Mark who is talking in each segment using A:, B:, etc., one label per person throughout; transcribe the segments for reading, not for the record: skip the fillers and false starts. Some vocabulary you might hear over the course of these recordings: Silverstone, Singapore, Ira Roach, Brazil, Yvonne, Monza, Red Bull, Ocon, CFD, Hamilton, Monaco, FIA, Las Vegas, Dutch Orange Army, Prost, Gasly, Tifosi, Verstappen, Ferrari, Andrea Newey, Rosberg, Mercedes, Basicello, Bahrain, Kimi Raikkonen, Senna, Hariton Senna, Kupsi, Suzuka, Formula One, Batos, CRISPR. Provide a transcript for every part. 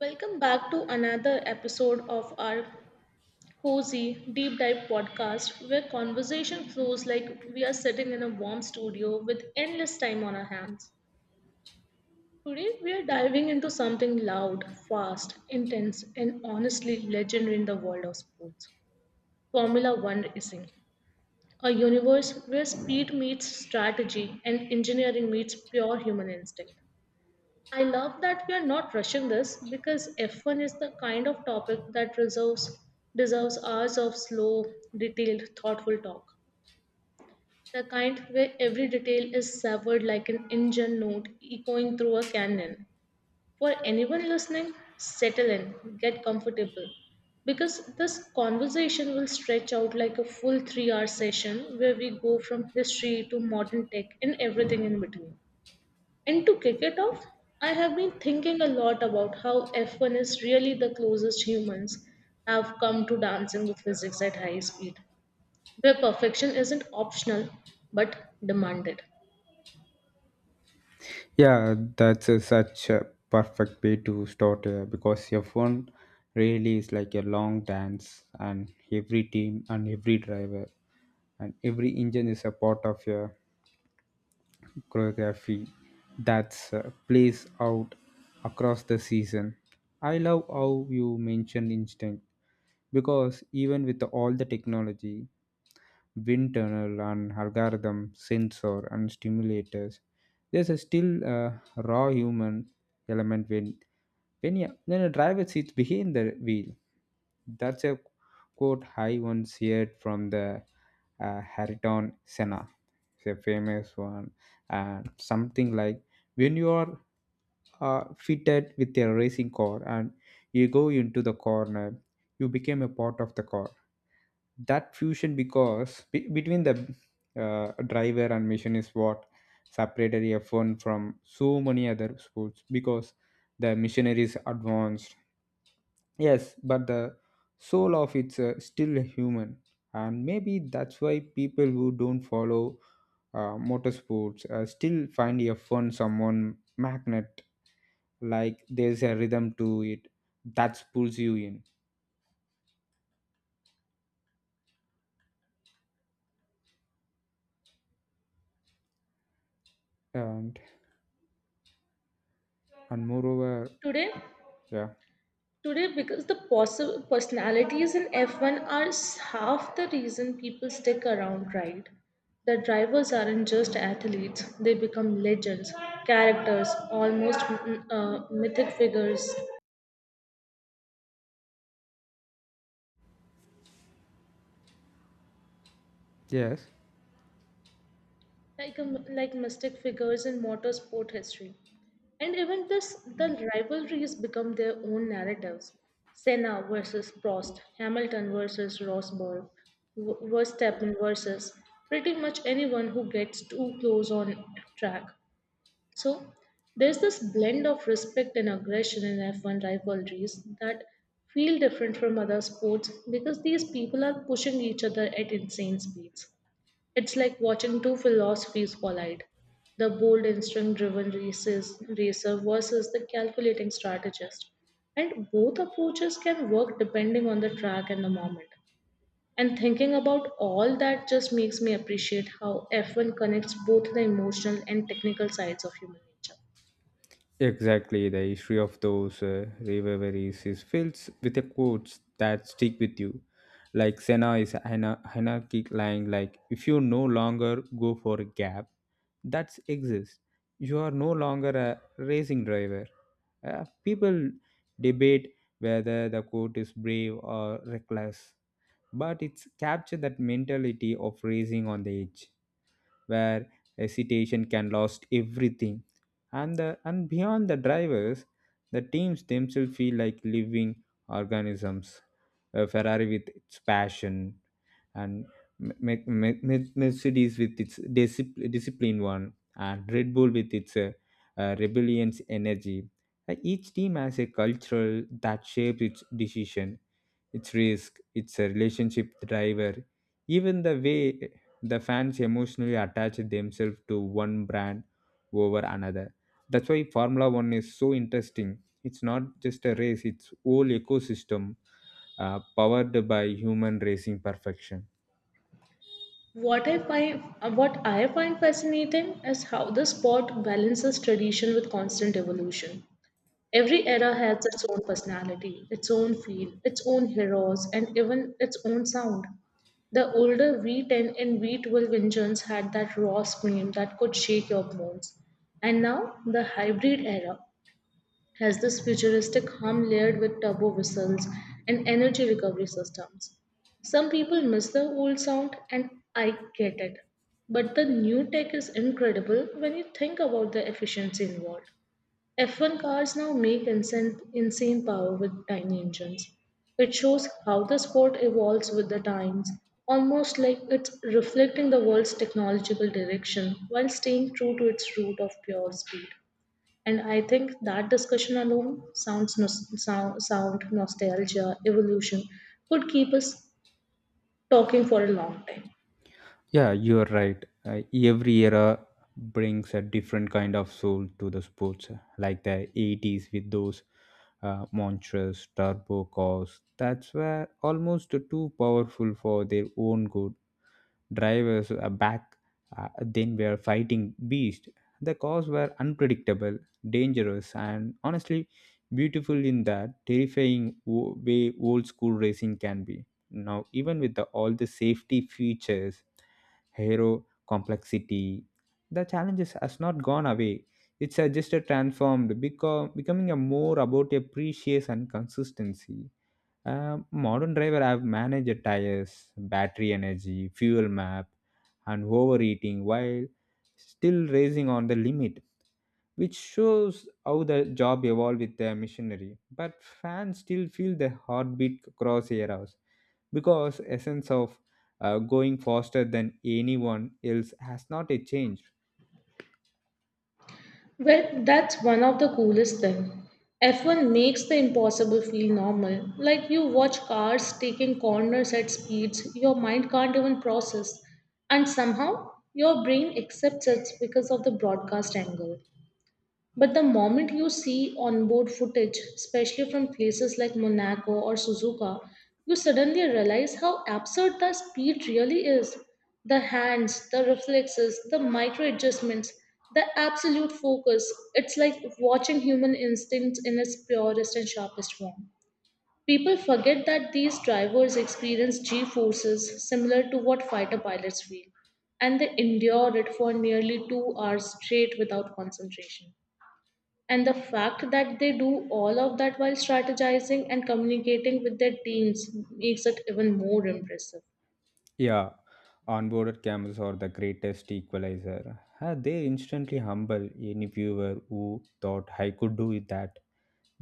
A: Welcome back to another episode of our cozy deep dive podcast where conversation flows like we are sitting in a warm studio with endless time on our hands. Today, we are diving into something loud, fast, intense, and honestly legendary in the world of sports Formula One racing, a universe where speed meets strategy and engineering meets pure human instinct. I love that we are not rushing this because F1 is the kind of topic that deserves hours of slow, detailed, thoughtful talk. The kind where every detail is savored like an engine note echoing through a canyon. For anyone listening, settle in, get comfortable, because this conversation will stretch out like a full 3 hour session where we go from history to modern tech and everything in between. And to kick it off, I have been thinking a lot about how F1 is really the closest humans have come to dancing with physics at high speed, where perfection isn't optional but demanded.
B: Yeah, that's such a perfect way to start because F1 really is like a long dance, and every team and every driver and every engine is a part of your choreography that's plays out across the season. I love how you mentioned instinct because even with all the technology, wind tunnel and algorithm sensor and stimulators there's a still raw human element when yeah, when a driver sits behind the wheel, that's a quote I once heard from the Hariton Senna. It's a famous one. And something like when you are fitted with a racing car and you go into the corner you became a part of the car, that fusion because between the driver and machine is what separated F1 from so many other sports because the machinery is advanced. Yes, but the soul of it's still human, and maybe that's why people who don't follow motorsports still find a fun someone magnet. Like there's a rhythm to it that pulls you in, and and moreover,
A: Today,
B: yeah,
A: today, because the personalities in F1 are half the reason people stick around, right? The drivers aren't just athletes, they become legends, characters, almost mythic figures
B: yes.
A: like a, like mystic figures in motorsport history. And even this, the rivalries become their own narratives. Senna versus Prost, Hamilton versus Rosberg, Verstappen versus pretty much anyone who gets too close on track. So there's this blend of respect and aggression in F1 rivalries that feel different from other sports because these people are pushing each other at insane speeds. It's like watching two philosophies collide the bold, instinct driven racer versus the calculating strategist. And both approaches can work depending on the track and the moment. And thinking about all that just makes me appreciate how F1 connects both the emotional and technical sides of human nature.
B: Exactly, the history of those rivalries is filled with the quotes that stick with you. Like Senna is anarchic line like if you no longer go for a gap, that's exists. You are no longer a racing driver. People debate whether the quote is brave or reckless, but it's captured that mentality of racing on the edge where hesitation can lost everything, and beyond the drivers the teams themselves feel like living organisms, a ferrari with its passion and mercedes with its disciplined one and red bull with its rebellions energy. Each team has a cultural that shapes its decision, its risk, its relationship with the driver, even the way the fans emotionally attach themselves to one brand over another. That's why Formula One is so interesting. It's not just a race, it's whole ecosystem powered by human racing perfection.
A: What I find fascinating is how the sport balances tradition with constant evolution. Every era has its own personality, its own feel, its own heroes, and even its own sound. The older V10 and V12 engines had that raw scream that could shake your bones. And now, the hybrid era has this futuristic hum layered with turbo whistles and energy recovery systems. Some people miss the old sound, and I get it. But the new tech is incredible when you think about the efficiency involved. F1 cars now make insane power with tiny engines. It shows how the sport evolves with the times, almost like it's reflecting the world's technological direction while staying true to its root of pure speed. And I think that discussion alone, sounds nos- sound, sound, nostalgia, evolution, could keep us talking for a long time.
B: Yeah, you're right. Every era brings a different kind of soul to the sports, like the 80s with those monstrous turbo cars that's were almost too powerful for their own good. Drivers back then were fighting beasts. The cars were unpredictable, dangerous, and honestly beautiful in that terrifying way old school racing can be. Now, even with all the safety features, hero complexity, the challenges has not gone away. It's just a transformed, becoming a more about a precious and consistency. Modern driver have managed tires, battery energy, fuel map, and overeating while still racing on the limit, which shows how the job evolved with the machinery. But fans still feel the heartbeat across eras because essence of going faster than anyone else has not yet changed.
A: Well, that's one of the coolest things. F1 makes the impossible feel normal. Like you watch cars taking corners at speeds your mind can't even process, and somehow your brain accepts it because of the broadcast angle. But the moment you see onboard footage, especially from places like Monaco or Suzuka, you suddenly realize how absurd the speed really is. The hands, the reflexes, the micro adjustments, the absolute focus. It's like watching human instinct in its purest and sharpest form. People forget that these drivers experience G forces similar to what fighter pilots feel, and they endure it for nearly 2 hours straight without concentration. And the fact that they do all of that while strategizing and communicating with their teams makes it even more impressive.
B: Yeah, onboarded cameras are the greatest equalizer. They instantly humble any viewer who thought I could do it that.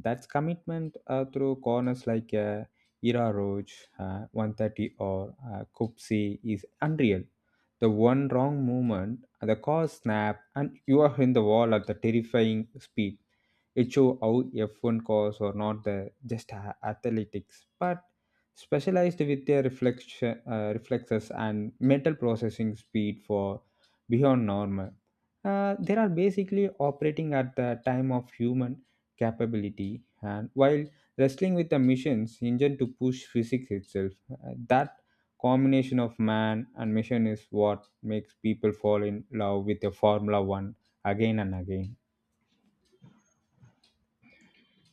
B: That's commitment through corners like Ira Roach, 130, or Kupsi is unreal. The one wrong movement, the car snap, and you are in the wall at the terrifying speed. It show how F1 cars are not the just athletics, but specialized with their reflection, reflexes and mental processing speed for beyond normal. They are basically operating at the time of human capability, and while wrestling with the mission's engine to push physics itself, that combination of man and mission is what makes people fall in love with the Formula One again and again.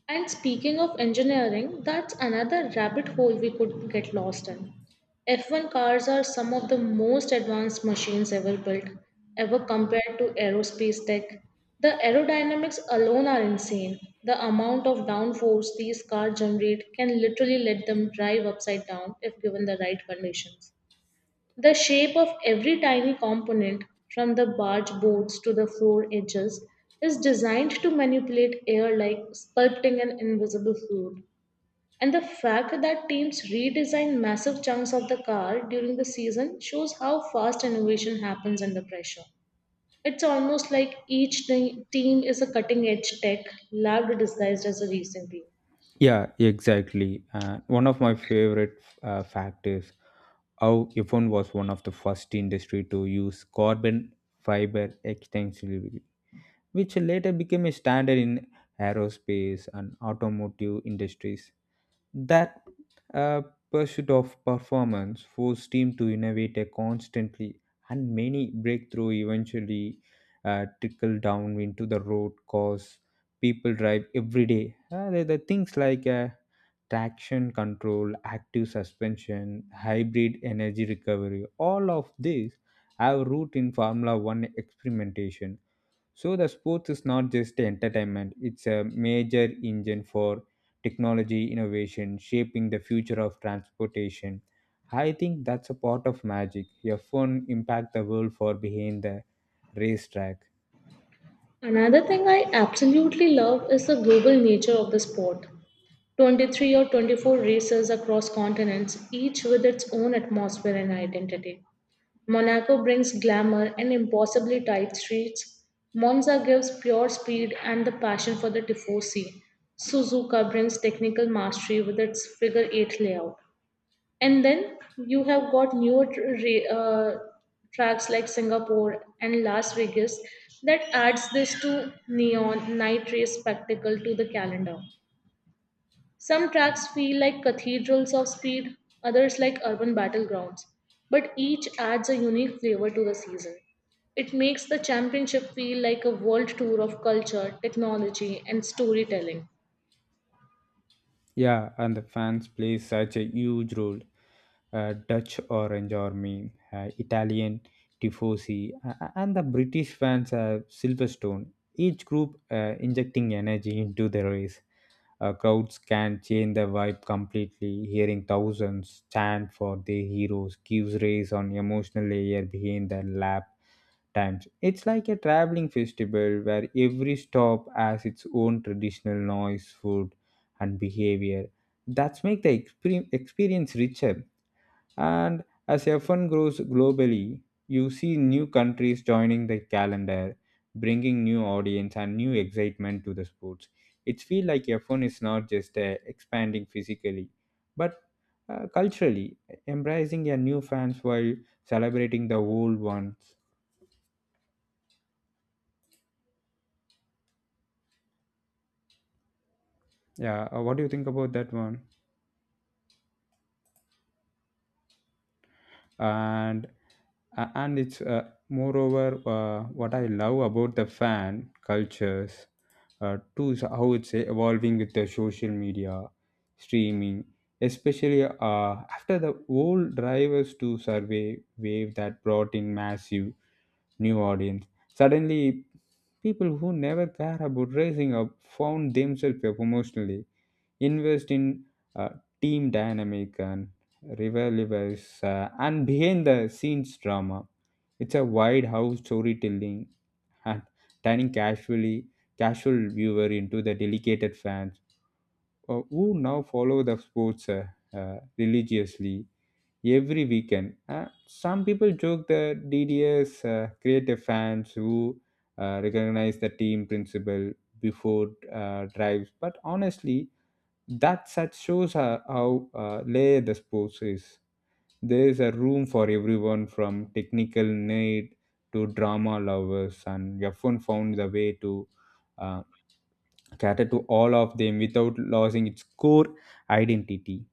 A: And speaking of engineering, that's another rabbit hole we could get lost in. F1 cars are some of the most advanced machines ever built, ever compared to aerospace tech. The aerodynamics alone are insane. The amount of downforce these cars generate can literally let them drive upside down if given the right conditions. The shape of every tiny component, from the barge boards to the floor edges, is designed to manipulate air like sculpting an invisible fluid. And the fact that teams redesign massive chunks of the car during the season shows how fast innovation happens under pressure. It's almost like each team is a cutting edge tech lab disguised as a racing team.
B: Yeah, exactly. One of my favorite fact is how Yvonne was one of the first industry to use carbon fiber extensively, which later became a standard in aerospace and automotive industries. That uh, pursuit of performance forced team to innovate a constantly, and many breakthrough eventually trickle down into the road cause people drive every day. The things like traction control, active suspension, hybrid energy recovery, all of these have root in Formula One experimentation, so the sports is not just entertainment, it's a major engine for technology innovation, shaping the future of transportation. I think that's a part of magic. Your phone impact the world for behind the racetrack.
A: Another thing I absolutely love is the global nature of the sport. 23 or 24 races across continents, each with its own atmosphere and identity. Monaco brings glamour and impossibly tight streets. Monza gives pure speed and the passion for the Tifosi. Suzuka brings technical mastery with its figure eight layout. And then you have got tracks like Singapore and Las Vegas that adds this to neon night race spectacle to the calendar. Some tracks feel like cathedrals of speed, others like urban battlegrounds, but each adds a unique flavor to the season. It makes the championship feel like a world tour of culture, technology, and storytelling.
B: Yeah, and the fans play such a huge role. Dutch Orange Army, Italian Tifosi, and the British fans Silverstone, each group injecting energy into the race. Crowds can change the vibe completely. Hearing thousands chant for their heroes gives rise on emotional layer behind the lap times. It's like a traveling festival where every stop has its own traditional noise, food, and behavior. That's make the experience richer. And as F1 grows globally, you see new countries joining the calendar, bringing new audience and new excitement to the sports. It feels like F1 is not just expanding physically, but culturally, embracing your new fans while celebrating the old ones. Yeah, what do you think about that one? And and it's moreover what I love about the fan cultures too is how it's evolving with the social media streaming, especially after the old drivers to survey wave that brought in massive new audience. Suddenly people who never care about raising up found themselves promotionally invest in uh, team dynamic and rivalries and behind the scenes drama. It's a wide house storytelling, and turning casual viewer into the dedicated fans who now follow the sports religiously every weekend. Some people joke the DDS creative fans who recognize the team principle before drives, but honestly, that set shows how layered the sports is. There is a room for everyone from technical need to drama lovers, and F1 found the way to uh, cater to all of them without losing its core identity.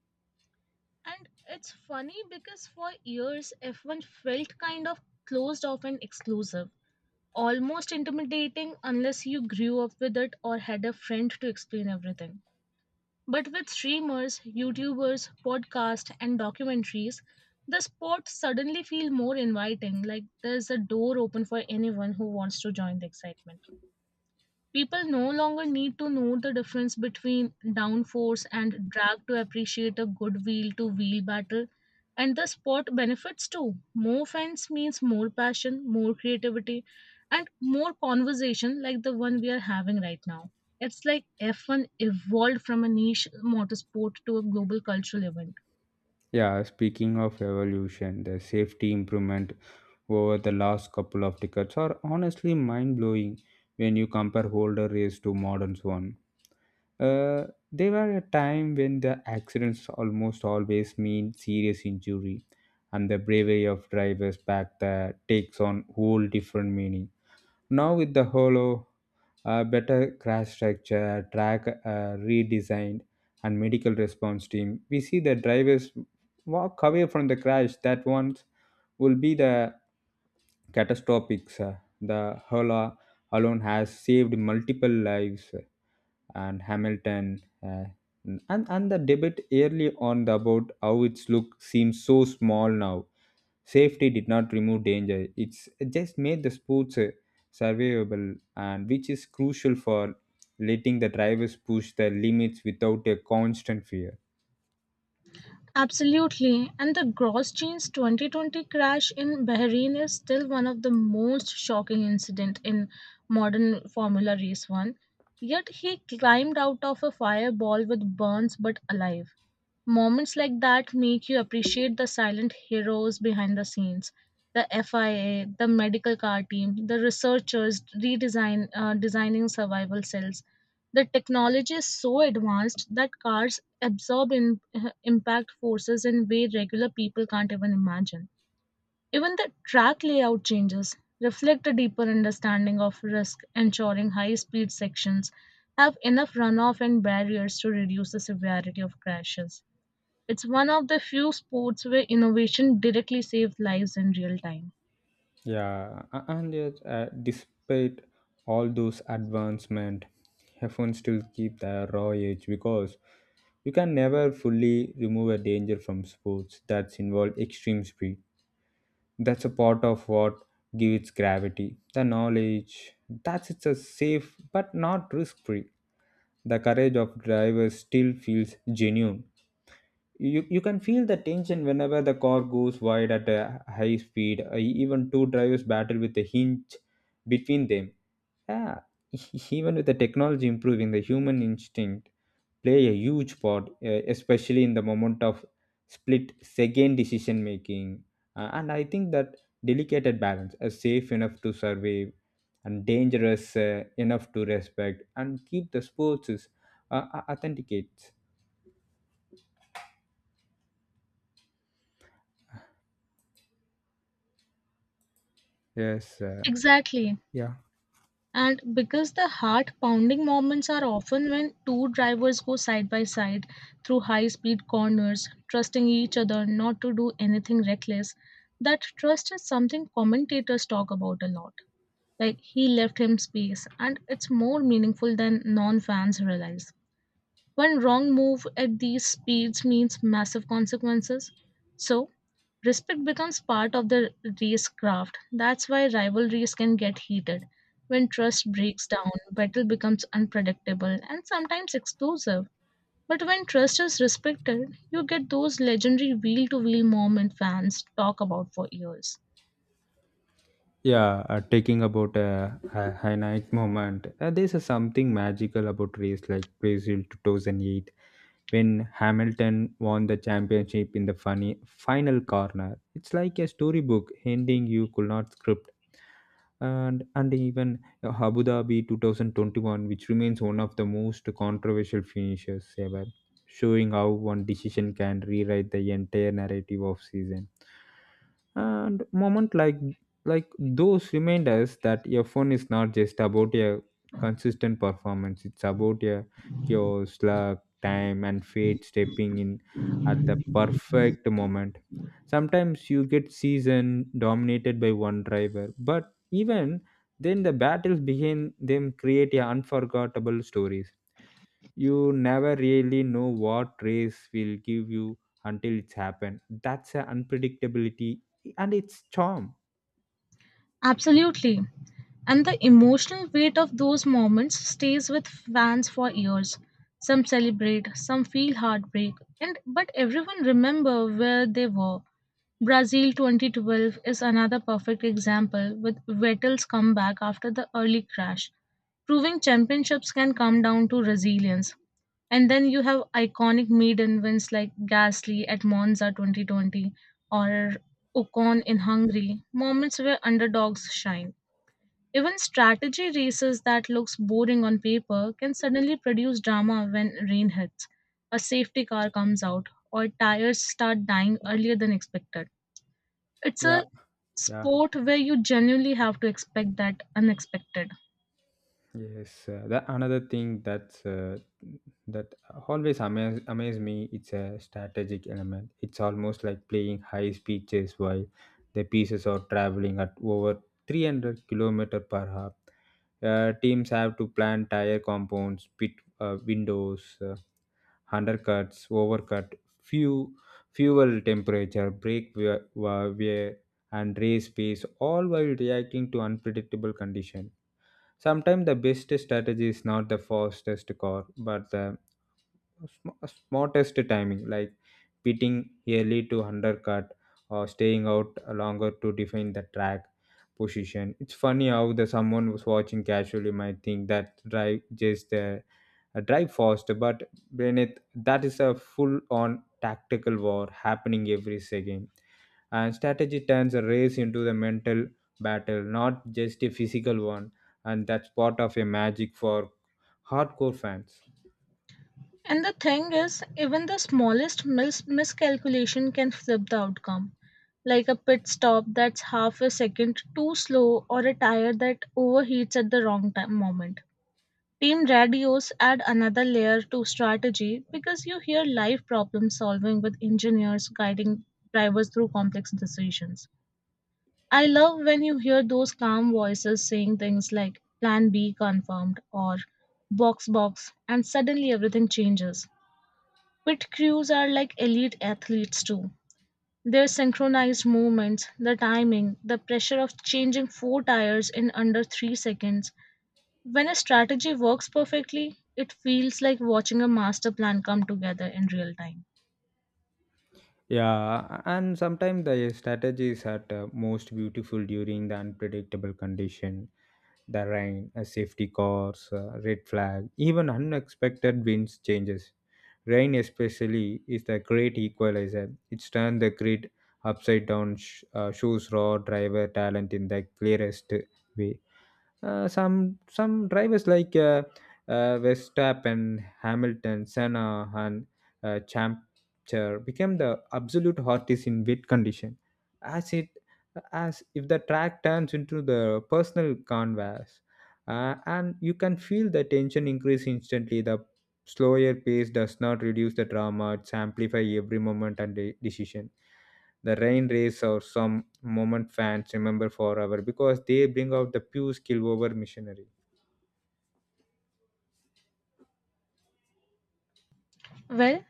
A: And it's funny because for years F1 felt kind of closed off and exclusive, almost intimidating unless you grew up with it or had a friend to explain everything. But with streamers, YouTubers, podcasts, and documentaries, the sports suddenly feel more inviting, like there's a door open for anyone who wants to join the excitement. People no longer need to know the difference between downforce and drag to appreciate a good wheel to wheel battle. And the sport benefits too. More fans means more passion, more creativity, and more conversation like the one we are having right now. It's like F1 evolved from a niche motorsport to a global cultural event.
B: Yeah, speaking of evolution, the safety improvement over the last couple of decades are honestly mind blowing when you compare older race to modern one. Uh, there were a time when the accidents almost always mean serious injury, and the bravery of drivers back there takes on whole different meaning. Now with the hollow, better crash structure, track redesigned, and medical response team, we see the drivers walk away from the crash that once will be the catastrophic, sir. The hollow alone has saved multiple lives, sir, and Hamilton. Uh, and the debate early on about how its look seems so small now, safety did not remove danger, it just made the sports survivable, and which is crucial for letting the drivers push their limits without a constant fear.
A: Absolutely. And the Grosjean's 2020 crash in Bahrain is still one of the most shocking incident in modern Formula Race 1. Yet he climbed out of a fireball with burns but alive. Moments like that make you appreciate the silent heroes behind the scenes the FIA, the medical car team, the researchers redesign designing survival cells. The technology is so advanced that cars impact forces in way regular people can't even imagine. Even the track layout changes reflect a deeper understanding of risk, ensuring high speed sections have enough runoff and barriers to reduce the severity of crashes. It's one of the few sports where innovation directly saved lives in real time.
B: Yeah, and yet despite all those advancement, F1 still keep the raw edge because you can never fully remove a danger from sports that's involve extreme speed. That's a part of what gives its gravity, the knowledge that it's a safe but not risk free, the courage of drivers still feels genuine. You can feel the tension whenever the car goes wide at a high speed. Even two drivers battle with a hinge between them, yeah. Even with the technology improving, the human instinct play a huge part, especially in the moment of split second decision making. And I think that delicate balance is safe enough to survive and dangerous enough to respect and keep the sports uh, authenticates. Yes,
A: Exactly.
B: yeah.
A: And because the heart pounding moments are often when two drivers go side by side through high speed corners, trusting each other not to do anything reckless, that trust is something commentators talk about a lot. Like he left him space, and it's more meaningful than non fans realize. One wrong move at these speeds means massive consequences. So, respect becomes part of the race craft. That's why rivalries can get heated. When trust breaks down, battle becomes unpredictable and sometimes exclusive. But when trust is respected, you get those legendary wheel to wheel moment fans talk about for years.
B: Yeah, taking about a high moment. There's a something magical about race like Brazil 2008 when Hamilton won the championship in the funny final corner. It's like a storybook ending you could not script. And even Abu Dhabi 2021, which remains one of the most controversial finishes ever, showing how one decision can rewrite the entire narrative of season. And moment like those remind us that F1 is not just about a consistent performance, it's about a chaos luck time and fate stepping in at the perfect moment. Sometimes you get season dominated by one driver, but even then the battles behind them create a unforgettable stories. You never really know what race will give you until it's happened. That's a unpredictability and it's charm.
A: Absolutely. And the emotional weight of those moments stays with fans for years. Some celebrate, some feel heartbreak, and but everyone remember where they were. Brazil 2012 is another perfect example with Vettel's comeback after the early crash, proving championships can come down to resilience. And then you have iconic maiden wins like Gasly at Monza 2020 or Ocon in Hungary, moments where underdogs shine. Even strategy races that looks boring on paper can suddenly produce drama when rain hits, a safety car comes out, or tires start dying earlier than expected. It's
B: Yeah,
A: a
B: yeah.
A: sport where you genuinely have to expect that unexpected.
B: Yes, the another thing that's that always amaze me. It's a strategic element. It's almost like playing high speed chase while the pieces are traveling at over 300 kilometer per hour. Teams have to plan tire compounds, pit windows, undercuts, overcut, few fuel temperature, brake wear, and race pace, all while reacting to unpredictable conditions. Sometimes the best strategy is not the fastest car, but the smartest timing. Like pitting early to undercut or staying out longer to defend the track position. It's funny how the someone was watching casually might think that drive just drive fast, but beneath that is a full-on tactical war happening every second. And strategy turns a race into the mental battle, not just a physical one. And that's part of a magic for hardcore fans.
A: And the thing is, even the smallest miscalculation can flip the outcome, like a pit stop that's half a second too slow or a tire that overheats at the wrong time moment. Team radios add another layer to strategy because you hear live problem solving with engineers guiding drivers through complex decisions. I love when you hear those calm voices saying things like plan B confirmed or box box and suddenly everything changes. Pit crews are like elite athletes too. Their synchronized movements, the timing, the pressure of changing four tires in under 3 seconds. When a strategy works perfectly, it feels like watching a master plan come together in real time.
B: Yeah, and sometimes the strategies are the most beautiful during the unpredictable condition, the rain, a safety course, red flag, even unexpected winds changes. Rain especially is the great equalizer. It's turned the grid upside down, shows raw driver talent in the clearest way. Some drivers like Verstappen, Hamilton, Senna, and Champcher became the absolute hottest in wet condition, as it as if the track turns into the personal canvas, and you can feel the tension increase instantly. The slower pace does not reduce the drama; it amplifies every moment and decision. The rain race or some moment fans remember forever because they bring out the pure skill over machinery.
A: Well,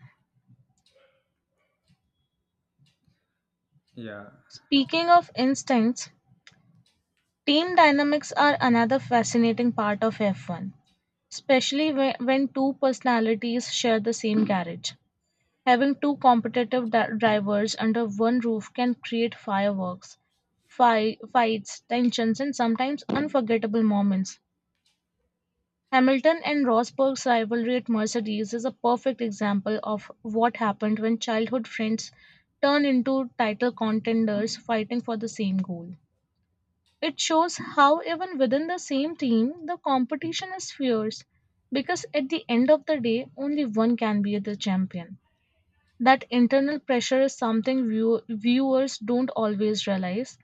B: Yeah.
A: speaking of instincts, team dynamics are another fascinating part of F1, especially when two personalities share the same garage. Having two competitive drivers under one roof can create fireworks, fights, tensions, and sometimes unforgettable moments. Hamilton and Rosberg's rivalry at Mercedes is a perfect example of what happened when childhood friends turn into title contenders fighting for the same goal. It shows how, even within the same team, the competition is fierce because at the end of the day, only one can be the champion. That internal pressure is something viewers don't always realize,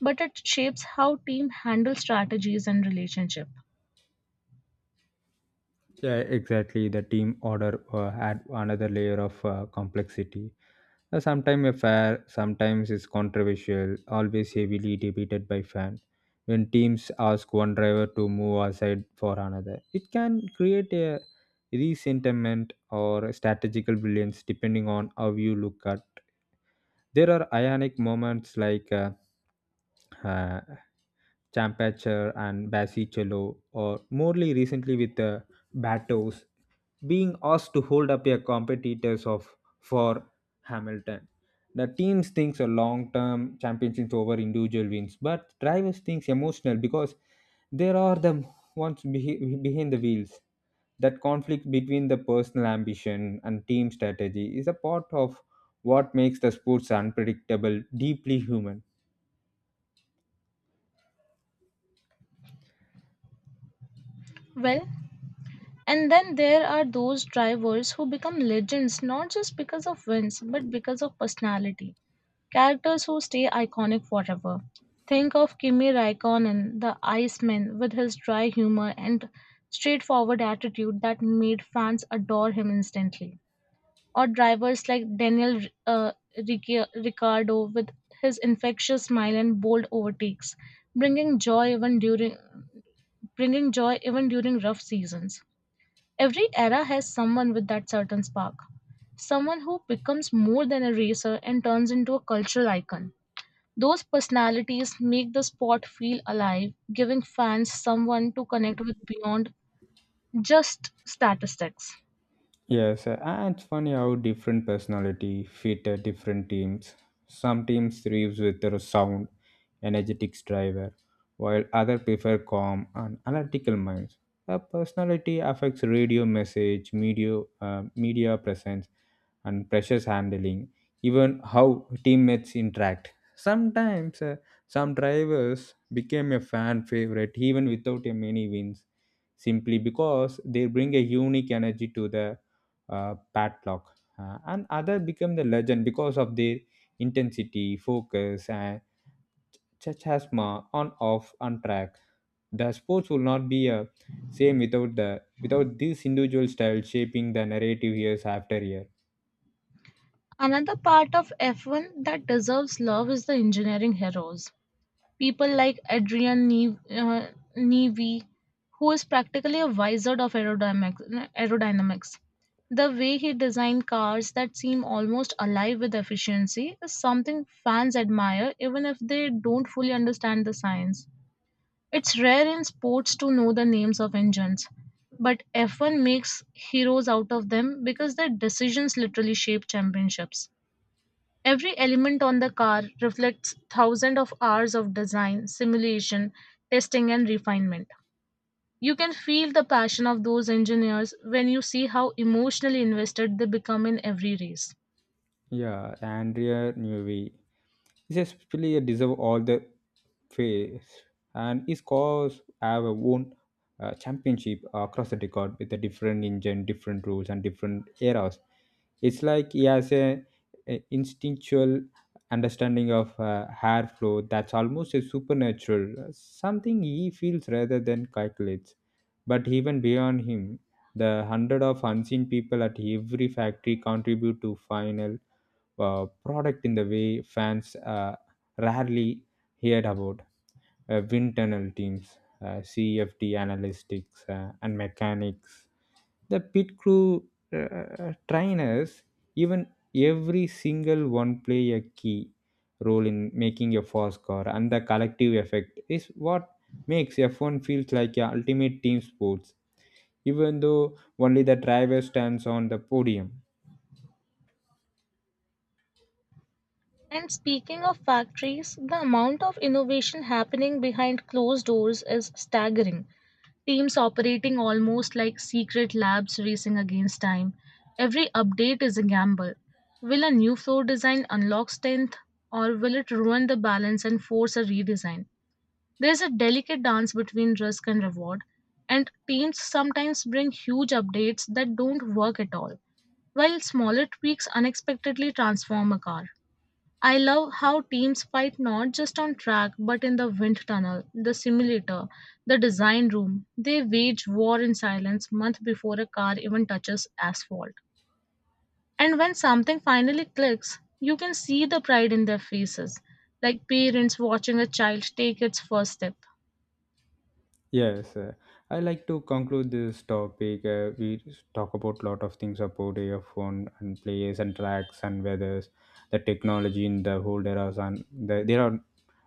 A: but it shapes how team handle strategies and relationship.
B: Yeah, exactly. The team order add another layer of complexity. Sometimes a fair, sometimes it's controversial, always heavily debated by fans. When teams ask one driver to move aside for another, it can create a resentiment or strategical brilliance depending on how you look at. There are ionic moments like uh, Champacher and Basicello, or morely recently with Batos, being asked to hold up a competitors of for Hamilton. The teams thinks a long-term championships over individual wins, but drivers thinks emotional because there are the ones behind the wheels. That conflict between the personal ambition and team strategy is a part of what makes the sports unpredictable, deeply human.
A: Well, and then there are those drivers who become legends not just because of wins but because of personality. Characters who stay iconic forever. Think of Kimi Raikkonen, the Iceman, with his dry humor and straightforward attitude that made fans adore him instantly. Or drivers like uh, Ricciardo with his infectious smile and bold overtakes, bringing joy even during bringing joy even during rough seasons. Every era has someone with that certain spark, someone who becomes more than a racer and turns into a cultural icon. Those personalities make the sport feel alive, giving fans someone to connect with beyond just statistics.
B: Yes, and it's funny how different personality fit at different teams. Some teams thrives with their sound, energetic driver, while other prefer calm and analytical minds. A personality affects radio message, media presence, and pressures handling, even how teammates interact. Some drivers became a fan favorite even without a many wins, simply because they bring a unique energy to the padlock, and other become the legend because of their intensity, focus, and chasma on off and track. The sports will not be a same without this individual style shaping the narrative years after year.
A: Another part of F1 that deserves love is the engineering heroes. People like Newey, who is practically a wizard of aerodynamics. The way he designed cars that seem almost alive with efficiency is something fans admire even if they don't fully understand the science. It's rare in sports to know the names of engines, but F1 makes heroes out of them because their decisions literally shape championships. Every element on the car reflects thousands of hours of design, simulation, testing, and refinement. You can feel the passion of those engineers when you see how emotionally invested they become in every race.
B: Yeah, Andrea Newey is especially a deserve all the phase, and his cars have a won championship across the record with a different engine, different rules, and different eras. It's like he has a instinctual understanding of hair flow that's almost a supernatural, something he feels rather than calculates. But even beyond him, the hundred of unseen people at every factory contribute to final product in the way fans rarely heard about wind tunnel teams, CFD analytics, and mechanics, the pit crew trainers, even every single one play a key role in making a fast car, and the collective effect is what makes F1 feels like a ultimate team sports, even though only the driver stands on the podium.
A: And speaking of factories, the amount of innovation happening behind closed doors is staggering. Teams operating almost like secret labs racing against time. Every update is a gamble. Will a new floor design unlock strength, or will it ruin the balance and force a redesign? There's a delicate dance between risk and reward, and teams sometimes bring huge updates that don't work at all, while smaller tweaks unexpectedly transform a car. I love how teams fight not just on track but in the wind tunnel, the simulator, the design room. They wage war in silence months before a car even touches asphalt. And when something finally clicks, you can see the pride in their faces, like parents watching a child take its first step.
B: Yes, I like to conclude this topic. We talk about lot of things about earphone and players and tracks and weathers, the technology in the whole eras and the, they are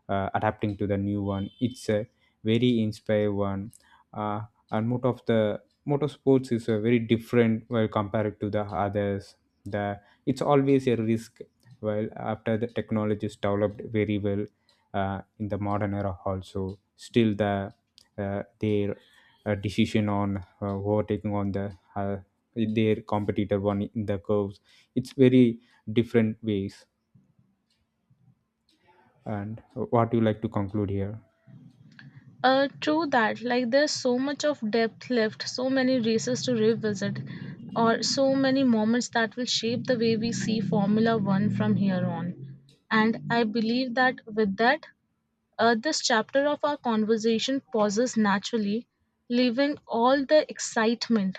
B: adapting to the new one. It's a very inspiring one, uh, and most of the motorsports is a very different while compared to the others. The It's always a risk. While after the technology is developed very well in the modern era also, still the their decision on overtaking on the their competitor one in the curves it's very different ways. And what do you like to conclude here?
A: True that. Like there's so much of depth left, so many races to revisit, or so many moments that will shape the way we see Formula One from here on. And I believe that with that, this chapter of our conversation pauses naturally, leaving all the excitement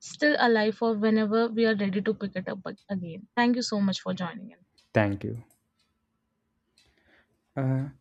A: still alive for whenever we are ready to pick it up again. Thank you so much for joining in.
B: Thank you, uh,